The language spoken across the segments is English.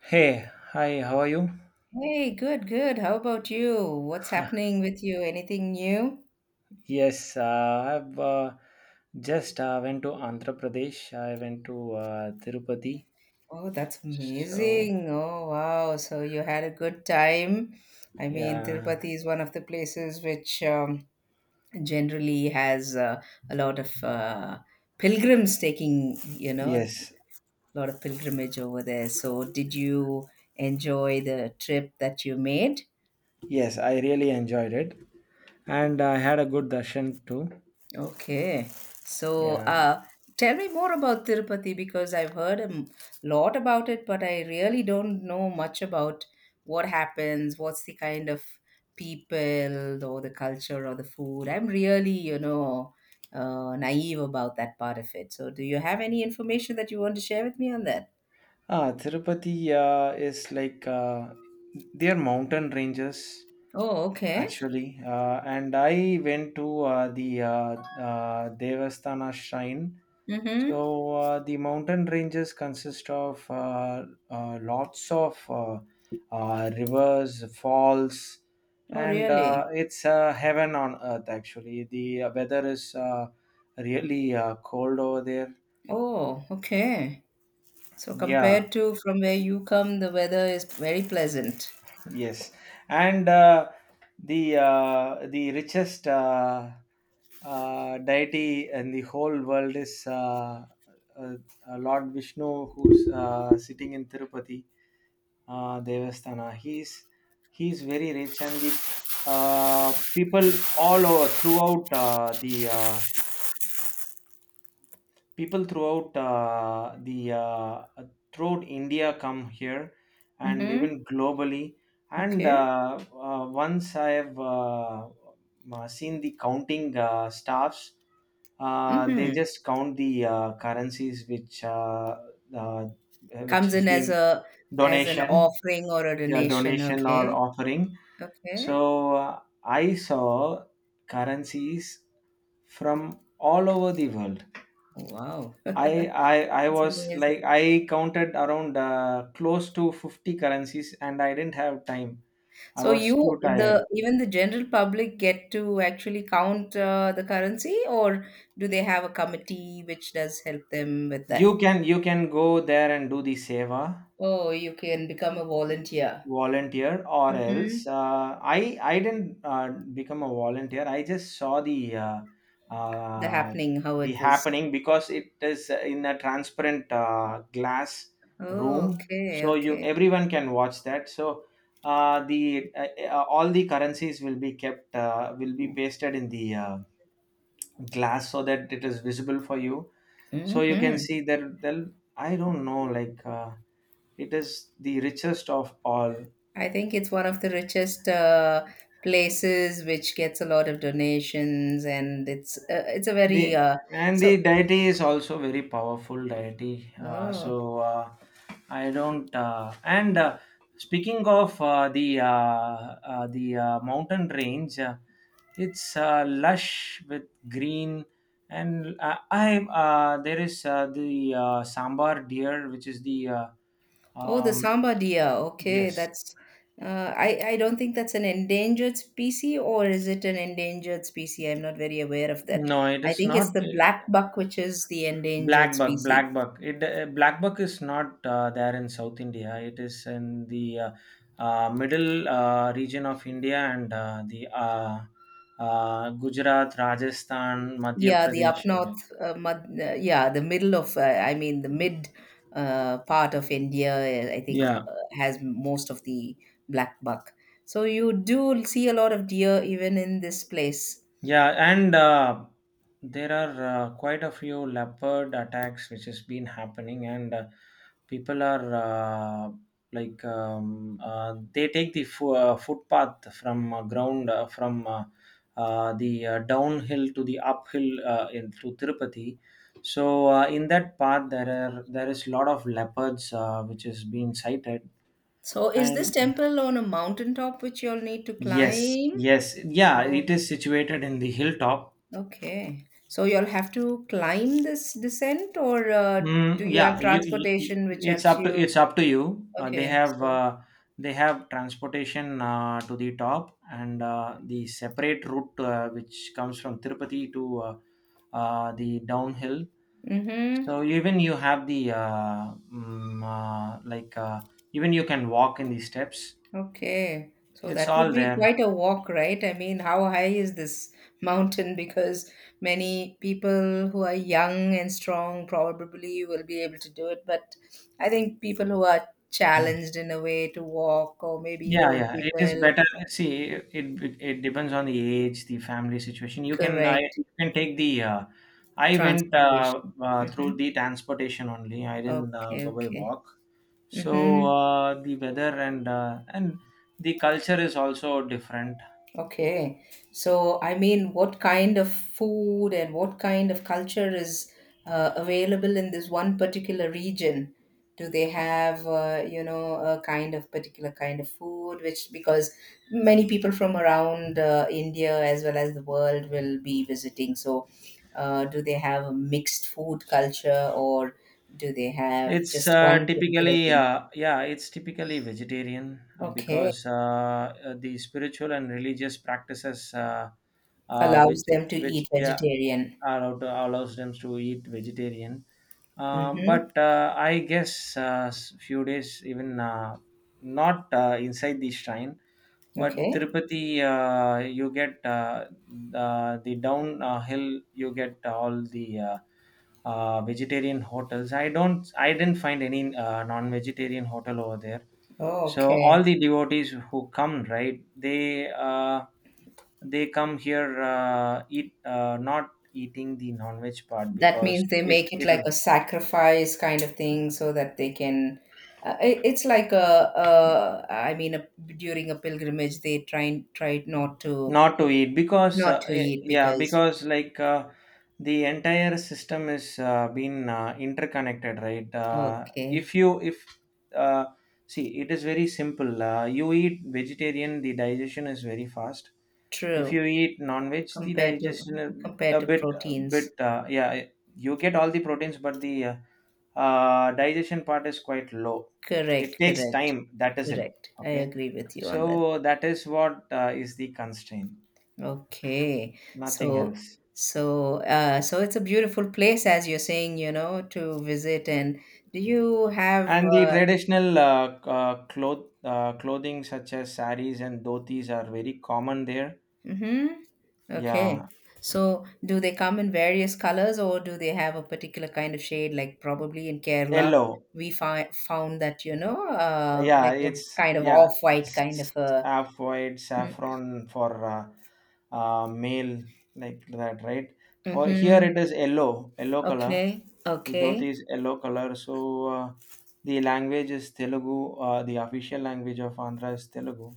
Hey, hi, how are you? Hey, good, good. How about you? What's happening with you? Anything new? Yes, I've just went to Andhra Pradesh. I went to Tirupati. Oh, that's So, amazing. Oh, wow. So you had a good time. I mean, yeah, Tirupati is one of the places which generally has a lot of pilgrims taking, a yes, lot of pilgrimage over there. So did you enjoy the trip that you made? yes, I really enjoyed it. And I had a good darshan too. Okay. So, Yeah. Tell me more about Tirupati because I've heard a lot about it, but I really don't know much about what happens, what's the kind of people or the culture or the food. I'm really, naive about that part of it. So, do you have any information that you want to share with me on that? Ah, Tirupati is like they're mountain ranges Oh, okay. actually. And I went to the Devasthana shrine. Mm-hmm. So the mountain ranges consist of lots of rivers, falls, Oh, and really? it's heaven on earth. Actually, the weather is really cold over there. Oh, okay. So, Yeah, compared to from where you come, the weather is very pleasant. yes, and the richest deity in the whole world is uh, Lord Vishnu, who's sitting in Tirupati Devasthana. He's very rich, and the people all over throughout the people throughout uh, the uh, throughout India come here, and Mm-hmm. even globally. And Okay. Once I have seen the counting staffs, they Mhm. just count the currencies uh, which Comes has in as been a as an donation, offering or a yeah, donation. donation or Okay. offering. Okay. So I saw currencies from all over the world. Wow. I I I It's was amazing. like I counted around close to 50 currencies, and I didn't have time. I So was you too tired. the even the general public get to actually count the currency, or do they have a committee which does help them with that? You can go there and do the seva Oh, you can become a volunteer. volunteer or Mm-hmm. else I didn't become a volunteer. I just saw The uh, happening, how the it was. happening because it is in a transparent glass Oh, room, okay, so you okay. everyone can watch that. So the all the currencies will be kept will be pasted in the glass so that it is visible for you, so you can Mm-hmm. see that. I don't know, like it is the richest of all. I think it's one of the richest places which gets a lot of donations, and it's a The very And so, the deity is also very powerful deity. Oh, I don't. And Speaking of the mountain range, it's lush with green, and I there is the sambar deer, which is the oh, the um, samba deer. Okay, yes. that's I don't think that's an endangered species, or is it an endangered species? I'm not very aware of that. No, it I is think it's not. the black buck which is the endangered Black buck, species. black buck. It black buck is not there in South India. It is in the middle region of India, and the Gujarat, Rajasthan, Madhya Yeah, the up Pradesh. north, Okay. Yeah, the middle of, I mean, the mid part of India, I think, Yeah, has most of the black buck. So you do see a lot of deer even in this place. yeah, and there are quite a few leopard attacks which has been happening, and people are they take the footpath from ground from the downhill to the uphill in to Tirupati. So in that path there is lot of leopards which has been sighted. So is this And temple on a mountaintop which you'll need to yes, climb? yes, yeah, it Oh, is situated in the hilltop. okay. So you'll have to climb this descent, or do Mm, you have yeah, transportation which helps you? it's up to you. They Okay, have so. They have transportation to the top, and the separate route which comes from Tirupati to the downhill. Mm-hmm. So even you have the mm, uh, like uh, even you can walk in the steps. Okay. So It's that would all be there. quite a walk, right? I mean, how high is this mountain? Because many people who are young and strong probably will be able to do it. But I think people who are challenged in a way to walk, or maybe Yeah, old yeah, it is people, better. See, it depends on the age, the family situation. Correct, You can take the. I went transportation. Mm-hmm. through the transportation only. I didn't Okay, go by okay. walk. So Mm-hmm. The weather and the culture is also different. Okay. So, I mean, what kind of food and what kind of culture is available in this one particular region? Do they have, a kind of particular kind of food, which because many people from around India as well as the world will be visiting. So, do they have a mixed food culture or do they have It's just one particular typically thing? Yeah, it's typically vegetarian Okay. because the spiritual and religious practices uh, Allows which them to which eat yeah vegetarian. allow allows them to eat vegetarian. Mm-hmm. But I guess few days even not inside the shrine. But Okay. Tirupati, you get the downhill, you get all the vegetarian hotels. I didn't find any non-vegetarian hotel over there. Oh, So all okay. the devotees who come, right? They come here eat not eating the non-veg part That because means they it make it it like a sacrifice kind of thing so that they can. It's like a I mean, a, during a pilgrimage, they try tried not to not to eat because not to eat yeah because because like the entire system is been interconnected, right? Okay, if you if uh, see it is very simple. You eat vegetarian, the digestion is very fast. If true. you eat non-veg the Compared to digestion a compared a to bit a proteins, bit uh, yeah, you get all the proteins, but the digestion part is quite low. It correct, takes correct, time, that is it. correct. I Okay, agree with you on that. so that is what is the constraint. Okay. Nothing So else. so it's a beautiful place as you're saying, to visit, and do you have And the traditional clothing such as saris and dhotis are very common there. mm-hmm. Okay. Yeah, So do they come in various colors or do they have a particular kind of shade like probably in Kerala yellow. we find found that, Yeah, like a it's kind of yeah, off-white s- kind s- of a. half saffron for male, like that, right? For here Mm-hmm. it is yellow, yellow color. Okay. The dhoti Okay. is yellow color. So the language is Telugu. The official language of Andhra is Telugu.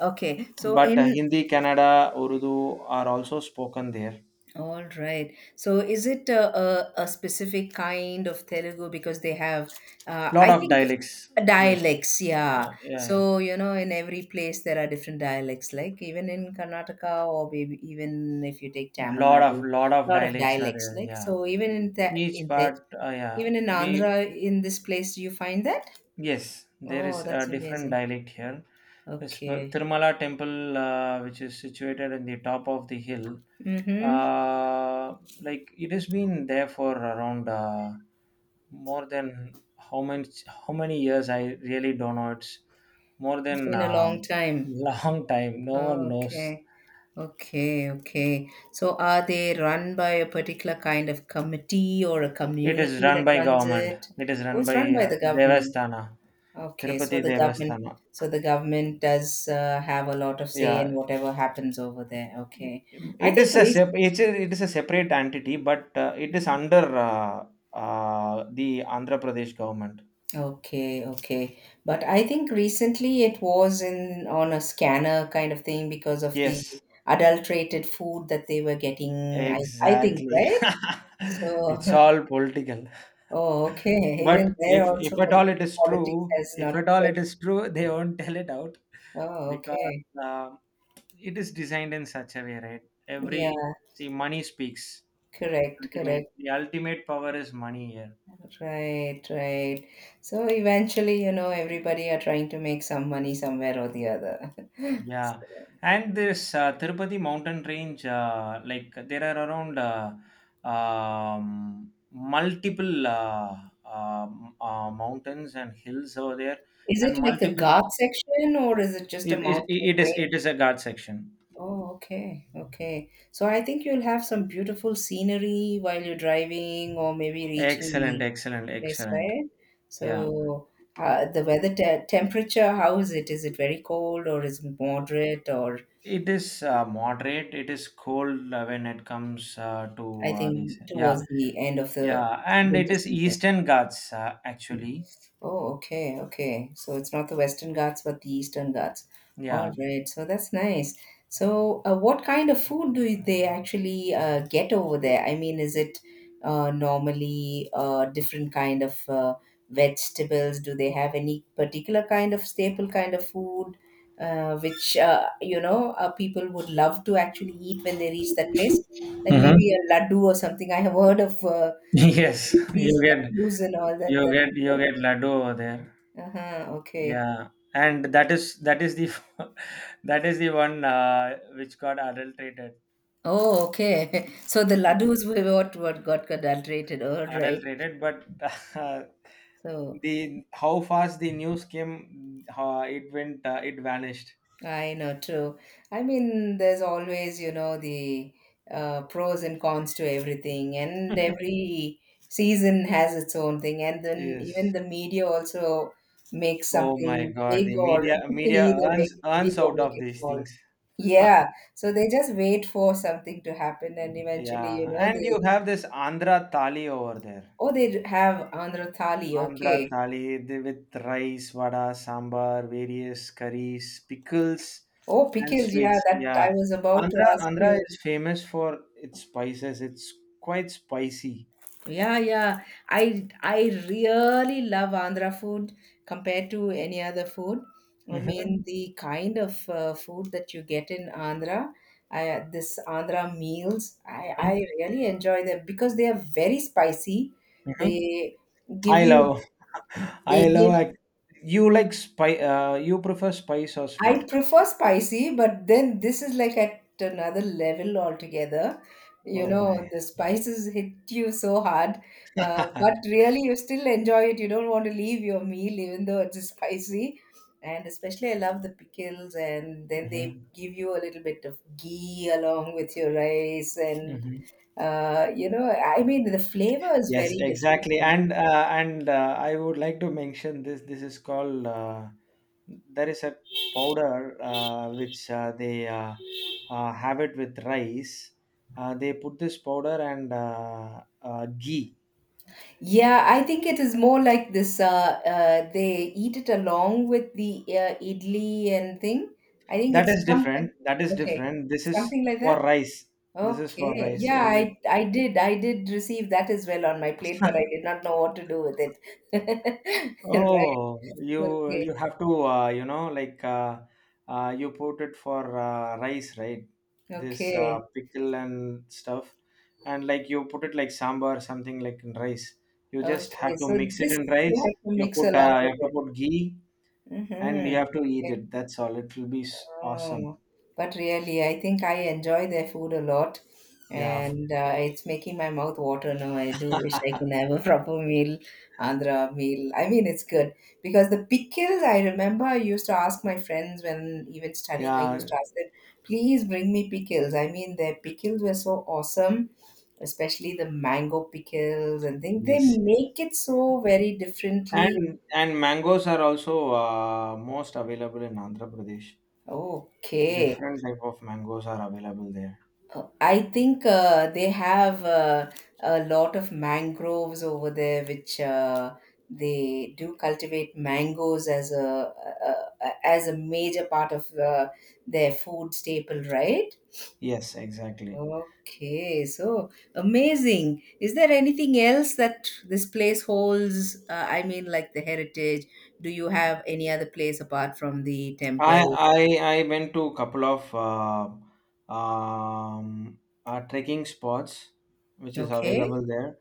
Okay. So But in. Hindi, Kannada, Urdu are also spoken there. All right. So is it a specific kind of Telugu because they have, I Lot of think, dialects. Yes. dialects? Yeah. Yeah. Yeah. Yeah. So, in every place there are different dialects, like even in Karnataka or maybe even if you take Tamil Nadu, Lot a of lot of dialects are dialects. there. Like, Yeah. so even in that, Each part. Uh, yeah. even in We Andhra, in this place, do you find that? yes. There Oh, is a that's different amazing. dialect here. Okay. Tirumala temple, which is situated in the top of the hill, Mm-hmm. uh, like it has been there for around more than how many years? I really don't know. It's more It's than been a long time. long time. No one knows. Okay. Okay, okay. So are they run by a particular kind of committee or a It is community run that by runs government. it? It is Oh, run it's by run by the government. Devasthana, Okay, so Tirupati the government, Devasthana. so the government does have a lot of say in Yeah, whatever happens over there. Okay, I think the reason. It is a separate entity, but it is under the Andhra Pradesh government. Okay, okay. But I think recently it was in on a scanner kind of thing because of the Yes, adulterated food that they were getting. I think, exactly. right? It's So all political. oh, okay. Even But there if also at all it is politics true, has if not. at all it is true, they won't tell it out Oh, because okay. uh, it is designed in such a way, right? Every Yeah, see money speaks. correct, Ultimate, correct. the ultimate power is money here. Right, right. So eventually, everybody are trying to make some money somewhere or the other. Yeah, So and this Tirupati mountain range, like there are around multiple mountains and hills over there, is it and like the multiple. Ghat section or is it just a mountain It range? is a guard section. Oh, okay, okay. So I think you'll have some beautiful scenery while you're driving or maybe reaching Excellent, the excellent, place, excellent. right? Yeah, So, the weather temperature, how is it? Is it very cold or is it moderate? Or it is moderate. It is cold when it comes to I think these. Yeah, towards the end of the yeah, and it winter is season. Eastern Ghats actually. Oh, okay, okay. So it's not the Western Ghats, but the Eastern Ghats. All Yeah. right. So that's nice. So, what kind of food do they actually get over there? I mean, is it normally different kind of vegetables? Do they have any particular kind of staple kind of food, which, people would love to actually eat when they reach that place? Like Mm-hmm. maybe a laddu or something. I have heard of Yes, these laddus and all that. You get laddu over there. Uh-huh, okay. Yeah, and that is the that is the one which got adulterated. Oh, okay. So the laddus were what got adulterated, all Yeah, right. adulterated. But uh, So the how fast the news came, it went, it vanished. I know, true. I mean, there's always, the, pros and cons to everything, and every season has its own thing. And then even Yes. the media also makes Oh my something God, big the or media either make it big earns or out make of it these small. things. Yeah. So they just wait for something to happen, and eventually, you Yeah, know, and they you have this Andhra Thali over there. oh, they have Andhra Thali. Andhra Okay. thali the- with rice, vada, sambar, various curries, pickles, Oh, and pickles. Yeah, sweets. that Yeah, I was about to ask Andhra you. is famous for its spices. It's quite spicy. Yeah, yeah. I really love Andhra food compared to any other food. I mean, Hmm. the kind of food that you get in Andhra, this Andhra meals, I Hmm. really enjoy them because they are very spicy. Hmm. They give I you love, they I give love. Ac- you like spice? You prefer spice or sweet? I prefer spicy, but then this is like at another level altogether. You Oh know, my. the spices hit you so hard, but really you still enjoy it. You don't want to leave your meal even though it's spicy. And especially, I love the pickles, and then they Mhm. give you a little bit of ghee along with your rice. And, Mhm. I mean, the flavor is Yes, very exactly. different. And I would like to mention this. This is called there is a powder which they have it with rice. They put this powder and ghee. Yeah, I think it is more like this. They eat it along with the idli and thing. I think That it's is something. different. That is Okay, different. This is something like for that. rice. This is for Okay. rice, Yeah, and it, I did receive that as well on my plate, but I did not know what to do with it. Right. Oh, you Okay. you have to you know, like you put it for rice, right? This Okay. pickle and stuff, and like you put it like sambar, something like in rice. You just Okay. have to So mix it this in you rice. have to You mix put along you with have to it. put ghee, and Mm-hmm. you have to eat Okay. it. That's all. It will be awesome. Oh, but really, I think I enjoy their food a lot, Yeah, f- and it's making my mouth water now. I do wish I can have a proper meal, Andhra meal. I mean, it's good because the pickles. I remember I used to ask my friends when even studying. I used yeah, to ask them, "Please bring me pickles." I mean, their pickles were so awesome, especially the mango pickles and things. They yes. make it so very differently. And mangoes are also most available in Andhra Pradesh. Okay. Different type of mangoes are available there. I think they have a lot of mangroves over there, which they do cultivate mangoes as a major part of their food staple, right? Yes, exactly. Okay, so amazing. Is there anything else that this place holds? I mean, like the heritage. Do you have any other place apart from the I temple? I I went to a couple of um, trekking spots which is Okay. available there.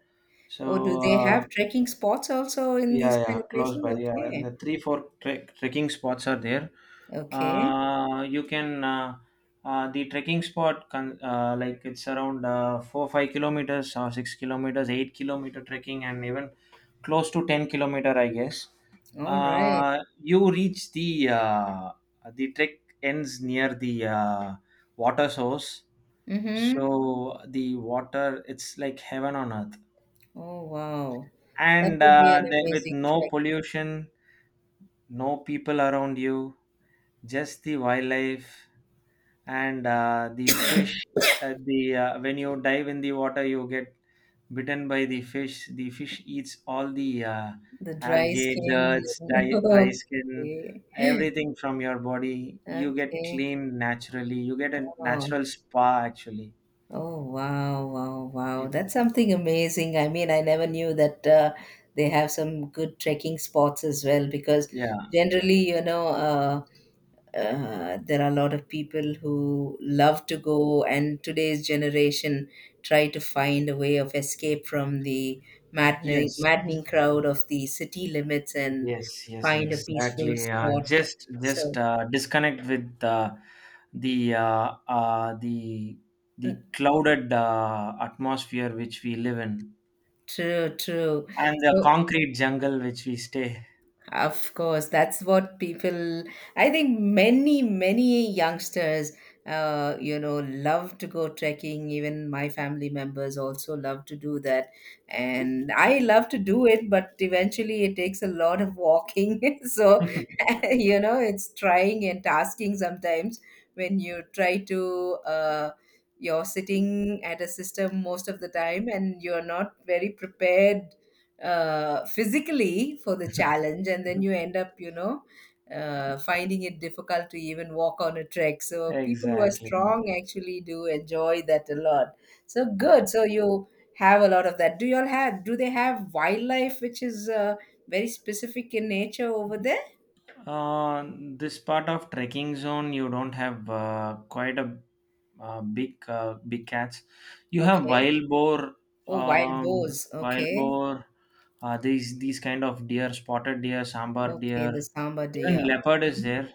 Or do So they uh, have trekking spots also in yeah, these yeah, kind of close places? by. Yeah, and Okay. the three four trekking spots are there. Okay. You can the trekking spot like it's around 4 5 kilometers or 6 kilometers, 8 kilometer trekking, and even close to 10 kilometer, I guess. All right. You reach the trek ends near the water source. Mm-hmm. So the water, it's like heaven on earth, Oh, wow. That and would be an there with amazing no trek. pollution, no people around you, just the wildlife, and the fish. The When you dive in the water, you get bitten by the fish. The fish eats all the The dry algae, dirt, dry skin. skin, Okay. everything from your body. You get Okay. clean naturally. You get a Oh, natural spa actually. oh, wow, wow, wow. It, That's something amazing. I mean, I never knew that they have some good trekking spots as well because yeah. generally, there are a lot of people who love to go and today's generation try to find a way of escape from the maddening Yes. maddening crowd of the city limits, and Yes. Yes. find a peaceful Exactly. Spot. Just So disconnect with the uh, uh, the the mm, clouded atmosphere which we live in true, true. and the So, concrete jungle which we stay. of course, that's what people, I think many, many youngsters, love to go trekking. Even my family members also love to do that. And I love to do it, but eventually it takes a lot of walking. So, it's trying and tasking sometimes when you try to, you're sitting at a system most of the time and you're not very prepared physically for the challenge, and then you end up, finding it difficult to even walk on a trek. So people who are Exactly. strong actually do enjoy that a lot. So Yeah. good. So you have a lot of that. Do you all have do they have wildlife which is very specific in nature over there? Uh, this part of trekking zone, you don't have quite a big cats. You have Okay. wild boar, Oh, wild um, boars. wild Okay. boar. These kind of deer, spotted deer, sambar Okay, the deer, samba even deer. leopard is Mhm. there,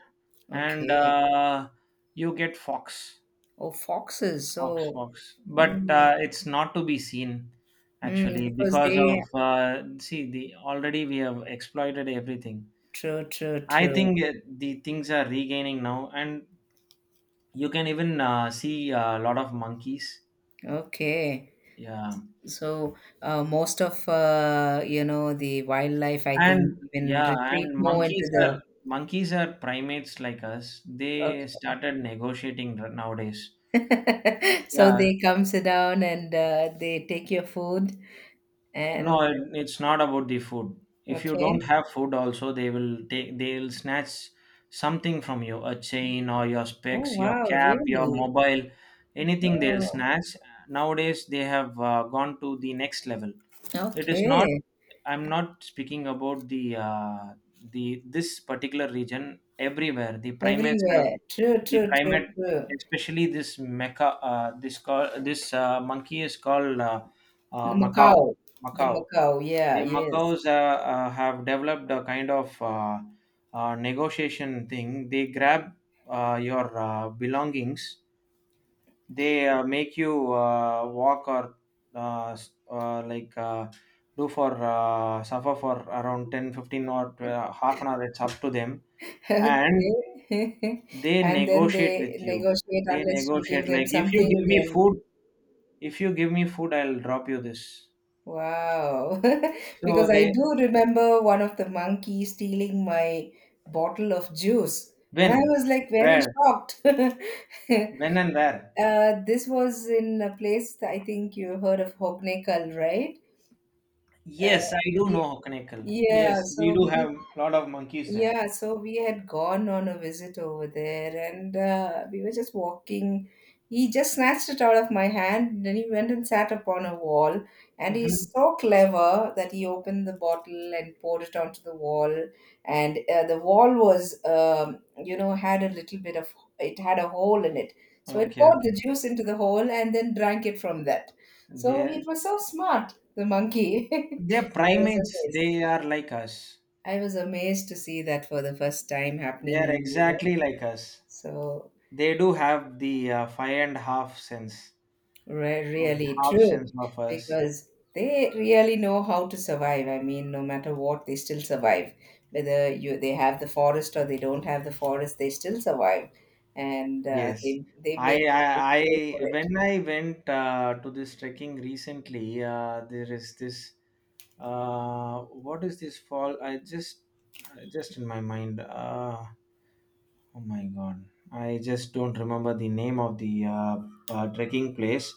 and Okay. You get fox, Oh, foxes. So fox. But mm, uh, it's not to be seen actually because because they... of see the already we have exploited everything. True, true, I true. think the things are regaining now, and you can even see a lot of monkeys. Okay. Yeah, So most of, the wildlife, I think, and even yeah, and retreat more into monkeys are the... monkeys are primates like us. They Okay. started negotiating nowadays. So Yeah, they come sit down and they take your food no, and it's not about the food. If you okay. don't have food, also they will take they'll snatch something from you, a chain or your Oh specs, your wow! cap, your Really? mobile, anything they'll Oh, snatch. Nowadays, they have gone to the next level. It is not. okay. I'm not speaking about the this particular region. Everywhere the primates have Everywhere. True, the true, true, primate, true. especially this mecha. This call this monkey is called The Macau. Macau. The Macau. Macau. Yeah. The macaws Yes. Have developed a kind of negotiation thing. They grab your belongings. They make you walk or uh, s- uh, like uh, do for suffer for around 10 15 or half an hour, it's up to them, and Okay. they And then negotiate they with you. negotiate They unless you give negotiate them like, if you something, give me then... food, if you give me food I'll drop you this. Wow. So Because I they do remember one of the monkeys stealing my bottle of juice. And I when was like, very where, shocked. when and where? This was in a place, I think you heard of Hognaikal, right? Uh, Yes, I do ye- know Hokanekal. yeah, Yes, we so do we have a lot of monkeys there. yeah, so we had gone on a visit over there, and we were just walking. He just snatched it out of my hand, then he went and sat upon a wall. And he's Hmm. so clever that he opened the bottle and poured it onto the wall. And the wall was, had a little bit of, it had a hole in it. So it Okay, poured okay. the juice into the hole and then drank it from that. So they it was so smart, the monkey. They're I was primates. amazed. They are like us. I was amazed to see that for the first time They are happening, exactly like us. So, They do have the five and half sense, really half sense true, of us. because they really know how to survive. I mean, no matter what, they still survive. Whether you they have the forest or they don't have the forest, they still survive, and uh, Yes, they they make I, they I, pay for I it. when I went to this trekking recently, there is this. What is this fall? I just in my mind. Oh my god! I just don't remember the name of the trekking place.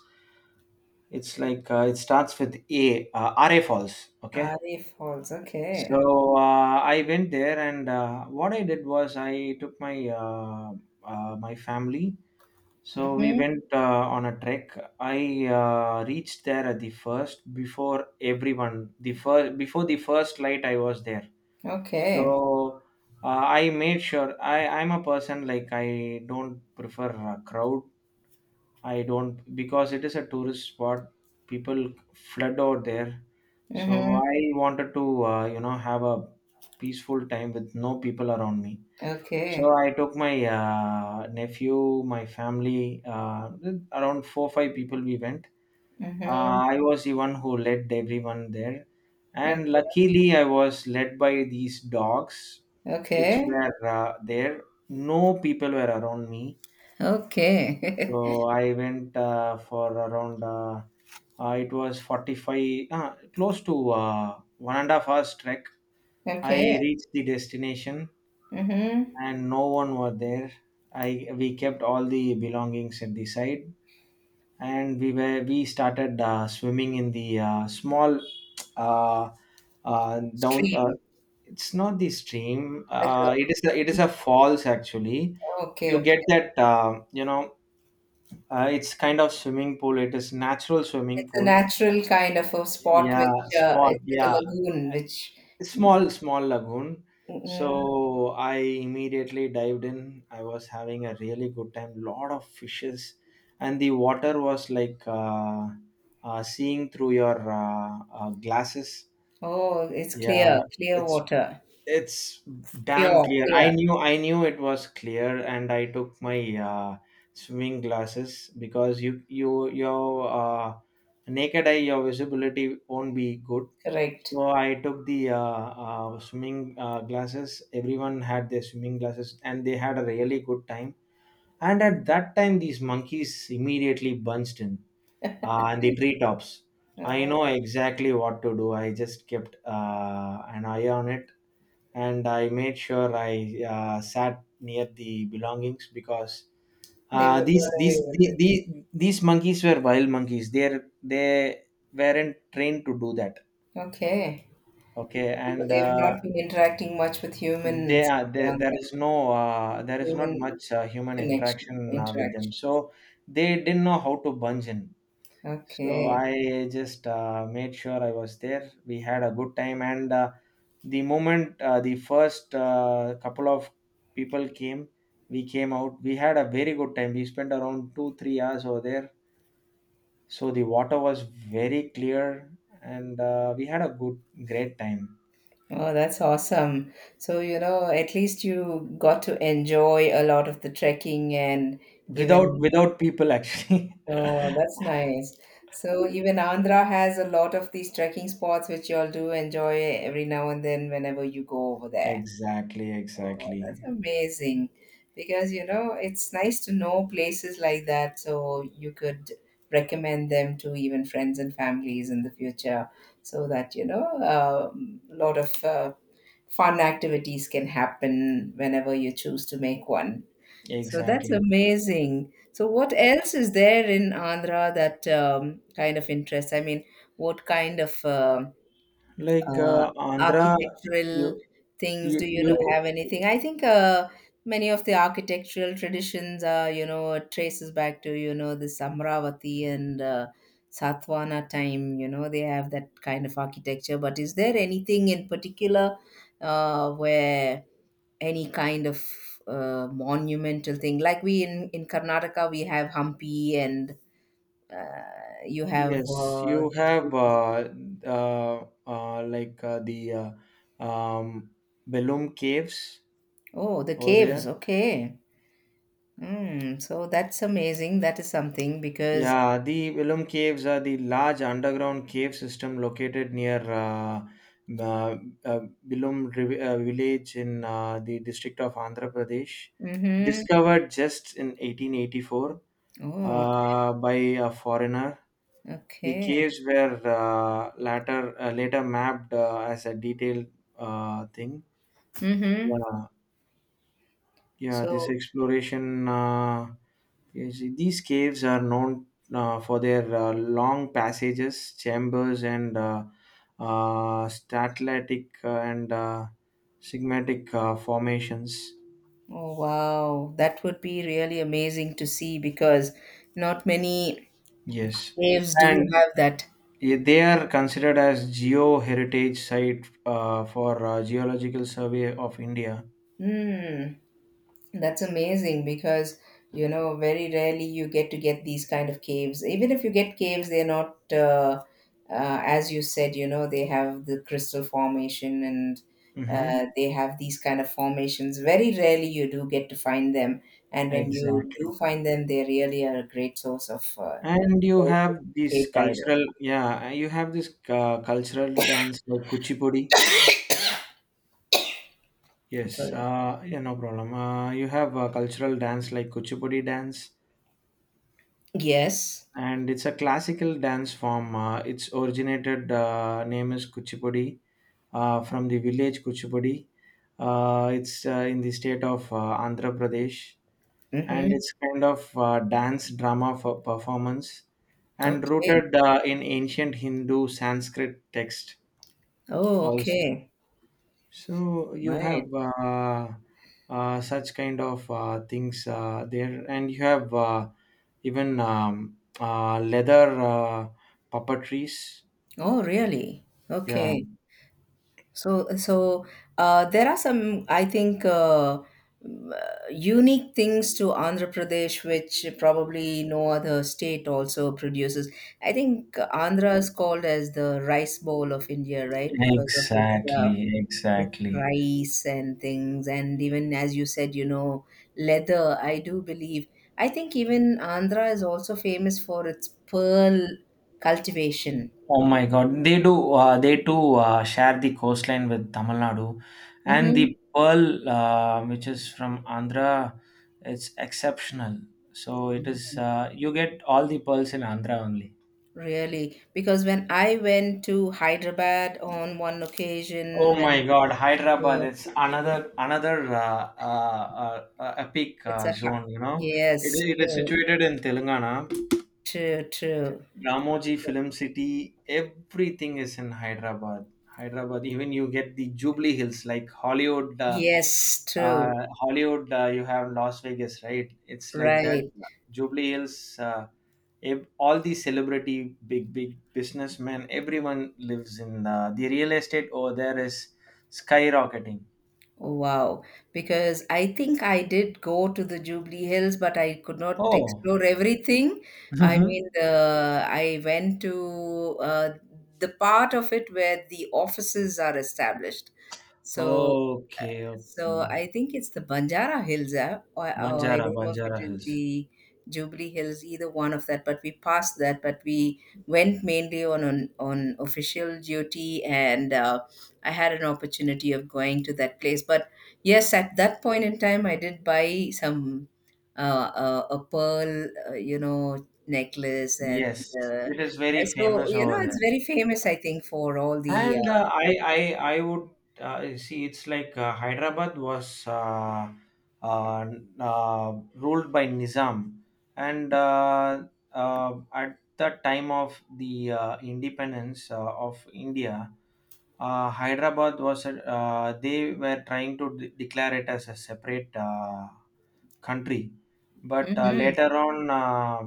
It's like it starts with A, RA Falls. Okay. Arif Falls, okay. So I went there, and what I did was I took my my family. So we Mm-hmm. went on a trek. I reached there at the first before everyone. The first before the first light, I was there. Okay. So uh, I made sure I I'm a person like I don't prefer a crowd. I don't, because it is a tourist spot. People flood out there, so Mm-hmm. I wanted to you know have a peaceful time with no people around me. So Okay. I took my nephew, my family, around 4 5 people. We went. Mm-hmm. I was the one who led everyone there, Okay. and luckily I was led by these dogs, which Okay. were there. No people were around me, Okay. so I went for around it was 45, close to 1.5 hours trek. I Okay. reached the destination Mm-hmm. and no one were there. I we kept all the belongings at the side, and we started swimming in the small uh, down. Stream, It's not the stream. like It is a falls actually. a... okay, You get okay. that you know, it's kind of swimming pool. It is natural swimming It's a pool. natural kind of a spot Yeah, which spot. it's like a Yeah, lagoon which... small lagoon. mm. So I immediately dived in. I was having a really good time. Lot of fishes, and the water was like seeing through your glasses. Oh, it's Yeah, clear, clear it's water, it's damn pure, clear. Clear, I knew it was clear, and I took my swimming glasses, because you your naked eye, your visibility won't be good. correct. So I took the swimming glasses. Everyone had their swimming glasses and they had a really good time. And at that time these monkeys immediately bunched in, and the treetops. I know Oh, exactly what to do. I just kept an eye on it, and I made sure I sat near the belongings because they would run away with it. These monkeys were wild monkeys. They weren't trained to do that. Okay. Okay, So and they've not been interacting much with they humans are there. around There them, is no there is not human much human connection, interaction with them, interactions. so they didn't know how to bunge in. So Okay. I just made sure I was there. We had a good time, and the moment the first couple of people came, we came out. We had a very good time. We spent around 2 3 hours over there. So the water was very clear, and we had a good great time Oh, that's awesome. So, at least you got to enjoy a lot of the trekking and without even, without people actually. oh, that's nice. So, even Andhra has a lot of these trekking spots which you all do enjoy every now and then whenever you go over there. Exactly, Oh, exactly, that's amazing. Because, it's nice to know places like that so you could recommend them to even friends and families in the future so that, a lot of fun activities can happen whenever you choose to make one. So that's exactly. amazing. So what else is there in Andhra that kind of interests? I mean, what kind of Like uh, uh, Andhra, architectural you things? you you Have anything? I think many of the architectural traditions are, traces back to, this Amravati and Satavahana time. You know, they have that kind of architecture. But is there anything in particular where any kind of monumental thing, like we in Karnataka we have Hampi, and you have Yes, you these have places. Like the uh, um, Belum Caves Oh, the over caves. there. Okay. Mm, so that's amazing. That is something because, Yeah, the Belum Caves are the large underground cave system located near uh, uh, Belum village in the district of Andhra Pradesh, mm-hmm. discovered just in 1884 Oh, by a foreigner. The okay. caves were later mapped as a detailed thing. Mm-hmm. Yeah, yeah. This So, exploration, these caves are known for their long passages, chambers, and static and sigmatic formations. oh wow, that would be really amazing to see because not many Yes, caves do and have that. yeah, they are considered as geo heritage site for geological survey of India. Mm. That's amazing because, very rarely you get to get these kind of caves. Even if you get caves, they're not as you said. You know, they have the crystal formation and Mm-hmm. They have these kind of formations. Very rarely you do get to find them, and when you Exactly. do find them, they really are a great source of And you joy to have this cave divers. cultural, yeah, you have this cultural dance like Kuchipudi. Yes, Sorry. Yeah, no problem. You have a cultural dance like Kuchipudi dance, Yes. and it's a classical dance form. Its originated name is Kuchipudi from the village Kuchipudi. It's in the state of Andhra Pradesh, and Mm-hmm. it's kind of dance drama for performance and Okay. rooted in ancient Hindu Sanskrit text Oh, also. okay. So you have Right. Such kind of things there, and you have even leather puppetries, Oh, really? yeah. Okay. So there are some, I think, unique things to Andhra Pradesh, which probably no other state also produces. I think Andhra is called as the rice bowl of India, right? Because of Exactly, its exactly. rice and things, and even as you said, leather, I do believe. I think even Andhra is also famous for its pearl cultivation. Oh my God, they do. They too share the coastline with Tamil Nadu, and the Mm-hmm. pearl, which is from Andhra, it's exceptional. So it is. You get all the pearls in Andhra only. Really, because when I went to Hyderabad on one occasion, Oh when my God, Hyderabad uh, is another epic it's a ha- zone. You know, yes, it is true, situated in Telangana. true, true, Ramoji Film City. Everything is in Hyderabad. Hyderabad, even you get the Jubilee Hills, like Hollywood. Yes, true, Hollywood, you have Las Vegas, right? It's like that. right. Jubilee Hills. All the celebrity, big big businessmen, everyone lives in the real estate over there is skyrocketing. Wow, because I think I did go to the Jubilee Hills, but I could not Oh, explore everything. I mean, mhm. the I went to the part of it where the offices are established. So Okay, okay. So I think it's the Banjara Hills app, or I Banjara, don't know if it Banjara is Hills. the Jubilee Hills, either one of that. But we passed that, but we went mainly on official duty, and I had an opportunity of going to that place. But yes, at that point in time, I did buy some a pearl, necklace, Yes, uh, it is very and so famous over it's there. very famous, I think, for all the. And uh, I, I, I would see it's like Hyderabad was uh, ruled by Nizam, and at the time of the independence of India, Hyderabad was a, they were trying to declare it as a separate country, but uh, Mhm. later on, uh,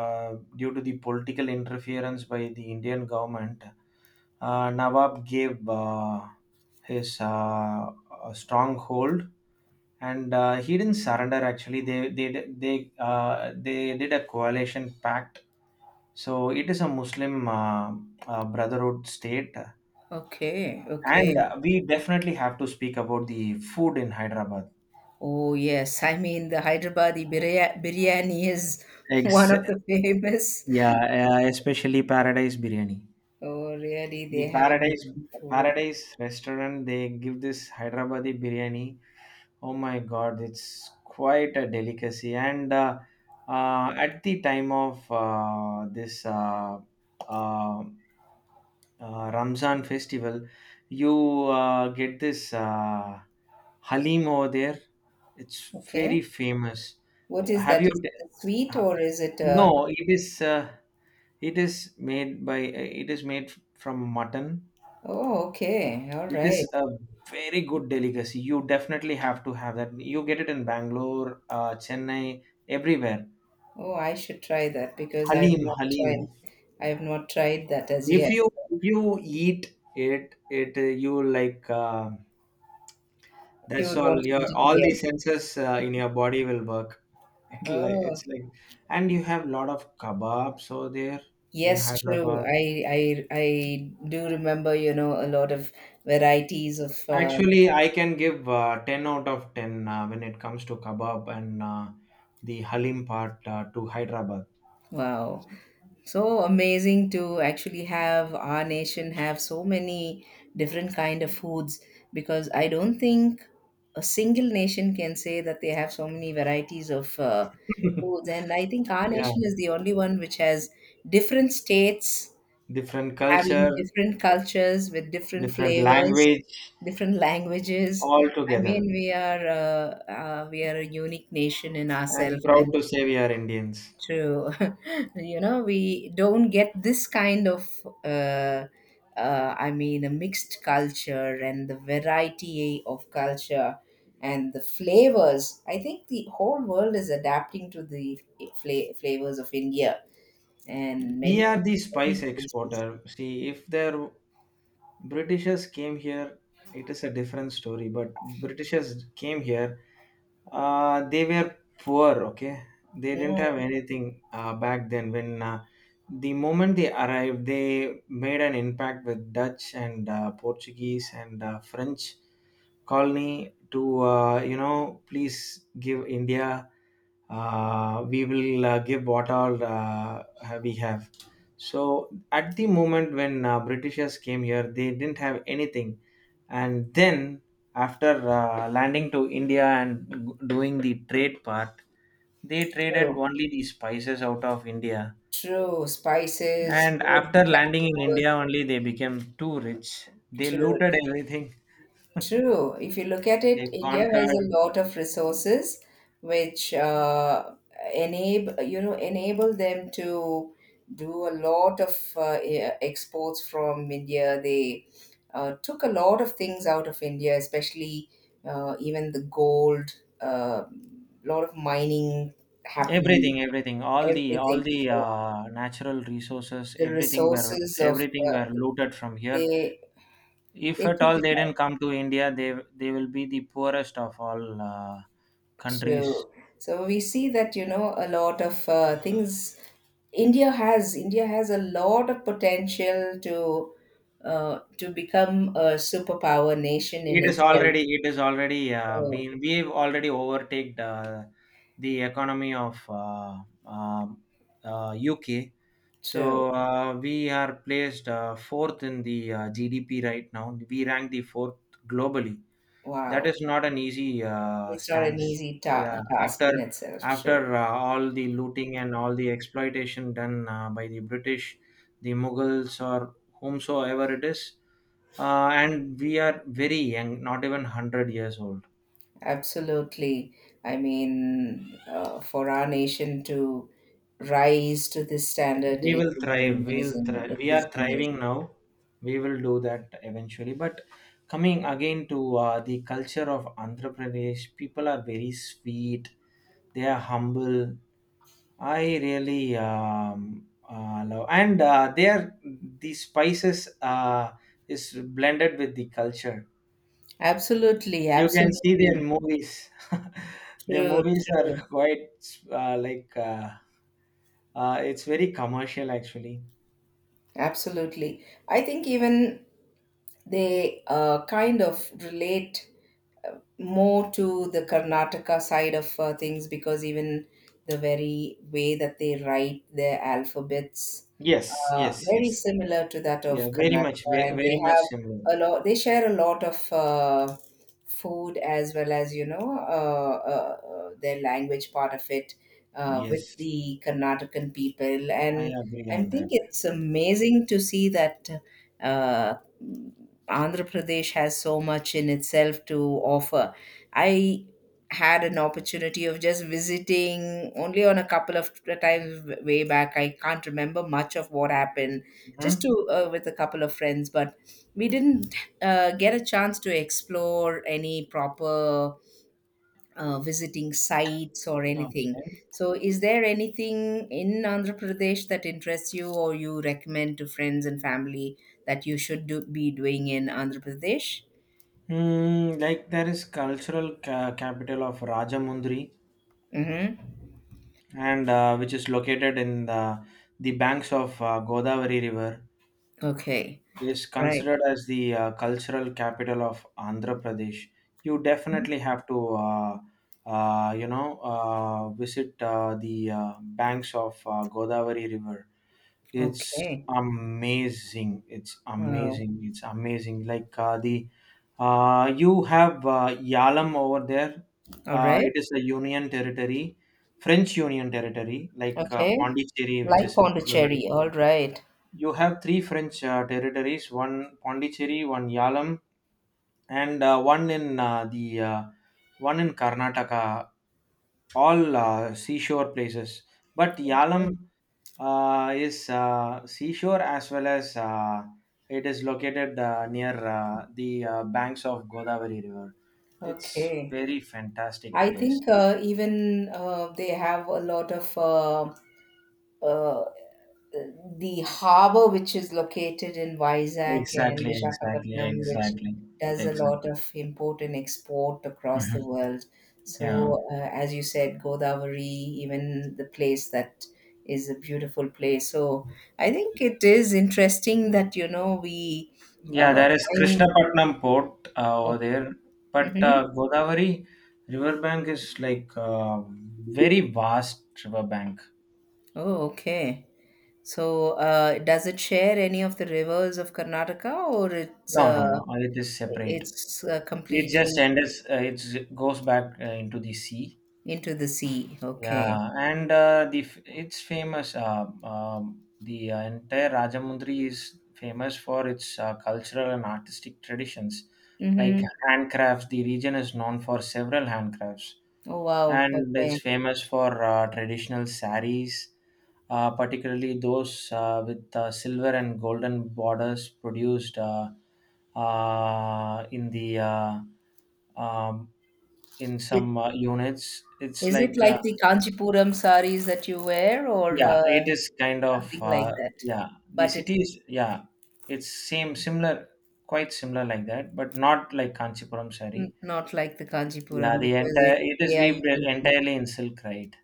uh, due to the political interference by the Indian government, Nawab gave his a stronghold, and he didn't surrender. Actually, they they did a coalition pact. So it is a Muslim Brotherhood state, Okay, and okay. We definitely have to speak about the food in Hyderabad. Oh, yes. I mean, the Hyderabadi biryani is one Ex- of the famous. yeah, especially Paradise Biryani. Oh, really? They The have amazing food. Paradise restaurant, they give this Hyderabadi biryani. Oh my God, it's quite a delicacy. And at the time of this uh, Ramzan festival, you get this halim over there. It's Okay. very famous. What is Have that? you? Is it a sweet ha- or is it a... No, it is. It is made by. It is made from mutton. Oh, okay. All It right. is a very good delicacy. You definitely have to have that. You get it in Bangalore, Chennai, everywhere. Oh, I should try that because I have Halim, not halim. tried. I have not tried that as yet. If you eat it, it you will like. You That's would want all. to Your eat it all the again. senses in your body will work. It like Oh, it's like, and you have lot of kebabs over there in yes, true. Hyderabad. I do remember, a lot of varieties of Actually, I can give ten out of ten when it comes to kebab and the halim part to Hyderabad. wow. So amazing to actually have our nation have so many different kind of foods, because I don't think a single nation can say that they have so many varieties of foods, and I think our Yeah, nation is the only one which has different states different culture, having different cultures with different different flavors, language, different languages. all I together. mean, we are a unique nation in I'm ourselves, proud and to say we are Indians. true. We don't get this kind of, uh, I mean, a mixed culture and the variety of culture and the flavors. I think the whole world is adapting to the flavors of India and We many, are the many spice places. exporter. See, if there Britishers came here. It is a different story, but Britishers came here. They were poor. Okay, they didn't Mm, have anything back then. When the moment they arrived, they made an impact with Dutch and Portuguese and French colony to you know please give India, we will give what all we have. So at the moment when Britishers came here, they didn't have anything, and then after landing to India and doing the trade part, they traded true. only the spices out of India. True. Spices, And wood, after landing in sandalwood. India, only they became too rich. They True, looted everything. true. If you look at They it, India has a conquered lot of resources which enable you know enable them to do a lot of exports from India. They took a lot of things out of India, especially even the gold. A lot of mining happened. everything, everything, all the all Everything. the So uh, natural resources, the everything were resources of everything were looted from here. they If they at took all it they didn't out. come to India, they will be the poorest of all countries. True. So we see that, a lot of things India has, a lot of potential to become a superpower nation in itself. It is already So been We've already overtaken the economy of um UK. true. So we are placed fourth in the GDP right now. We rank the fourth globally. That Wow. is not an easy It's not an stance, easy yeah. Task After in itself. So, all the looting and all the exploitation done by the British, the Mughals, or whomsoever it is, and we are very young, not even 100 years old. absolutely. I mean, for our nation to rise to this standard, we it will is thrive we'll amazing. thrive It We are is amazing. thriving now. We will do that eventually, but coming again to the culture of Andhra Pradesh, people are very sweet, they are humble. I really love, and there the spices is blended with the culture. Absolutely. You can see their Absolutely. movies. Their True. movies True. are quite uh, like uh, it's very commercial actually. Absolutely. I think even they kind of relate more to the Karnataka side of things, because even the very way that they write their alphabets Yes, yes, very yes. similar to that Yeah, of very much, Karnataka, and very they much have similar. a lot. They share a lot of food, as well as their language part of it with Yes, the Karnataka people, I and agree I on think that. it's amazing to see that. Uh, Andhra Pradesh has so much in itself to offer. I had an opportunity of just visiting only on a couple of times way back. I can't remember much of what happened, just Hmm. to with a couple of friends, but we didn't get a chance to explore any proper visiting sites or anything. Okay. So, is there anything in Andhra Pradesh that interests you or you recommend to friends and family that you should do, be doing in Andhra Pradesh? Mm, like there is cultural capital of Rajamundry, Mm-hmm. and which is located in the banks of Godavari River, Okay. is Right. considered as the cultural capital of Andhra Pradesh. You definitely have to, visit the banks of Godavari River. it's Okay. amazing it's Wow. amazing it's amazing Like the you have yalam over there. All right. It is a union territory, French union territory like Okay. Pondicherry, which Like is in Tamil Nadu. Pondicherry. All right. You have three French territories, one Pondicherry, one yalam, and one in Karnataka, all seashore places. But yalam is seashore as well as it is located near the banks of Godavari River. It's Okay. very fantastic I place. think even they have a lot of uh, the harbor which is located in Vizag and Exactly, exactly, Vishakhapatnam, which exactly, does a exactly. lot of import and export across the Mhm. world. Yeah, So, as you said, Godavari, even the place that is a beautiful place. So, I think it is interesting that we yeah. uh, There is find... Krishnapatnam port over there, but Mhm. Godavari riverbank is like very vast riverbank. Oh, okay. So, does it share any of the rivers of Karnataka, or it's No, no, no. It is separate. It just completely... ends. It goes back into the sea. Into the sea. Okay. Yeah, and it's famous. The entire Rajamundry is famous for its cultural and artistic traditions, like Mm-hmm. handcrafts. The region is known for several handcrafts, Oh, wow. and it's Okay. famous for traditional saris, particularly those with silver and golden borders produced in the um, in It, some units. It's is it like like the Kanchipuram saris that you wear, or yeah, it is kind of something like that? yeah, the But it's city is, yeah, it's same similar quite similar like that, but not like Kanchipuram sari. Not like the Yeah, Kanchipuram, the because I entire think it is they are weaved unique. In- entirely in silk, right?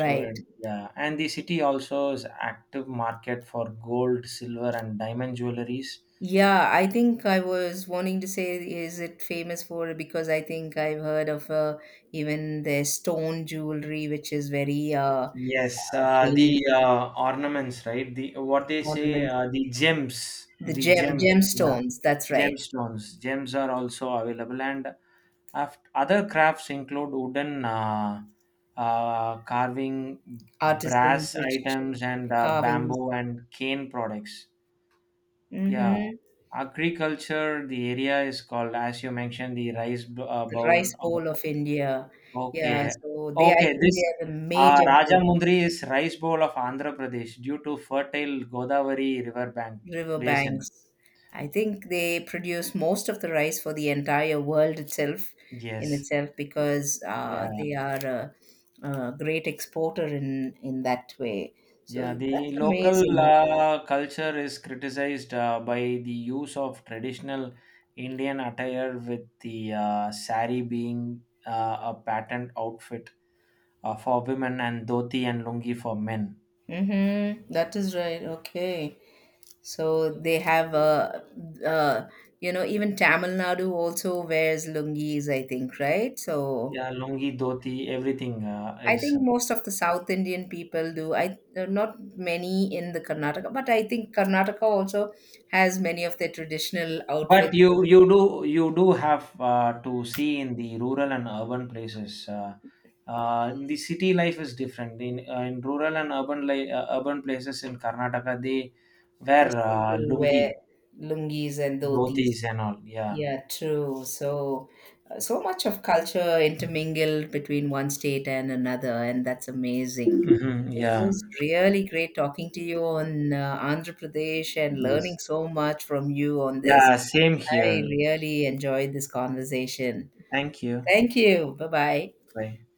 So yeah, and the city also is active market for gold, silver and diamond jewelries. Yeah, I think I was wanting to say, is it famous for? Because I think I've heard of even their stone jewelry, which is very Yes. The famous. uh, ornaments, right? the what they say Ornaments. The the gems yeah, gemstones. That's right. gemstones, gems are also available. And other crafts include wooden carving, Artisans, brass which items, and carvings, bamboo and cane products. Yeah, mm-hmm. agriculture. The area is called, as you mentioned, the The bowl. rice Of bowl of India. Yeah, okay, so they, I okay. think they This are the major Rajamundri is rice bowl of Andhra Pradesh due to fertile Godavari river bank river basin. banks. I think they produce most of the rice for the entire world itself, in Yes. itself, because Yeah. they are a great exporter in that way. So Yeah, the that's local amazing. Culture is criticized by the use of traditional Indian attire, with the sari being a patterned outfit for women and dhoti and lungi for men. Mm-hmm. That is right. Okay. So they have uh, even Tamil Nadu also wears lungis, I think, right? So Yeah, lungi, dhoti, everything I is. think most of the South Indian people do. I There are not many in the Karnataka, but I think Karnataka also has many of their traditional But outfits. you do have to see in the rural and urban places. In the city life is different. In rural and urban urban places in Karnataka, they wear They still do lungi, wear lungis and dhotis. dhotis, and all. Yeah, Yeah, true. So, so much of culture intermingled between one state and another, and that's amazing. hmm, It yeah, was really great talking to you on Andhra Pradesh and learning yes, so much from you on this. yeah. Same I here. really enjoyed this conversation. Thank you. Thank you. Bye bye. Bye.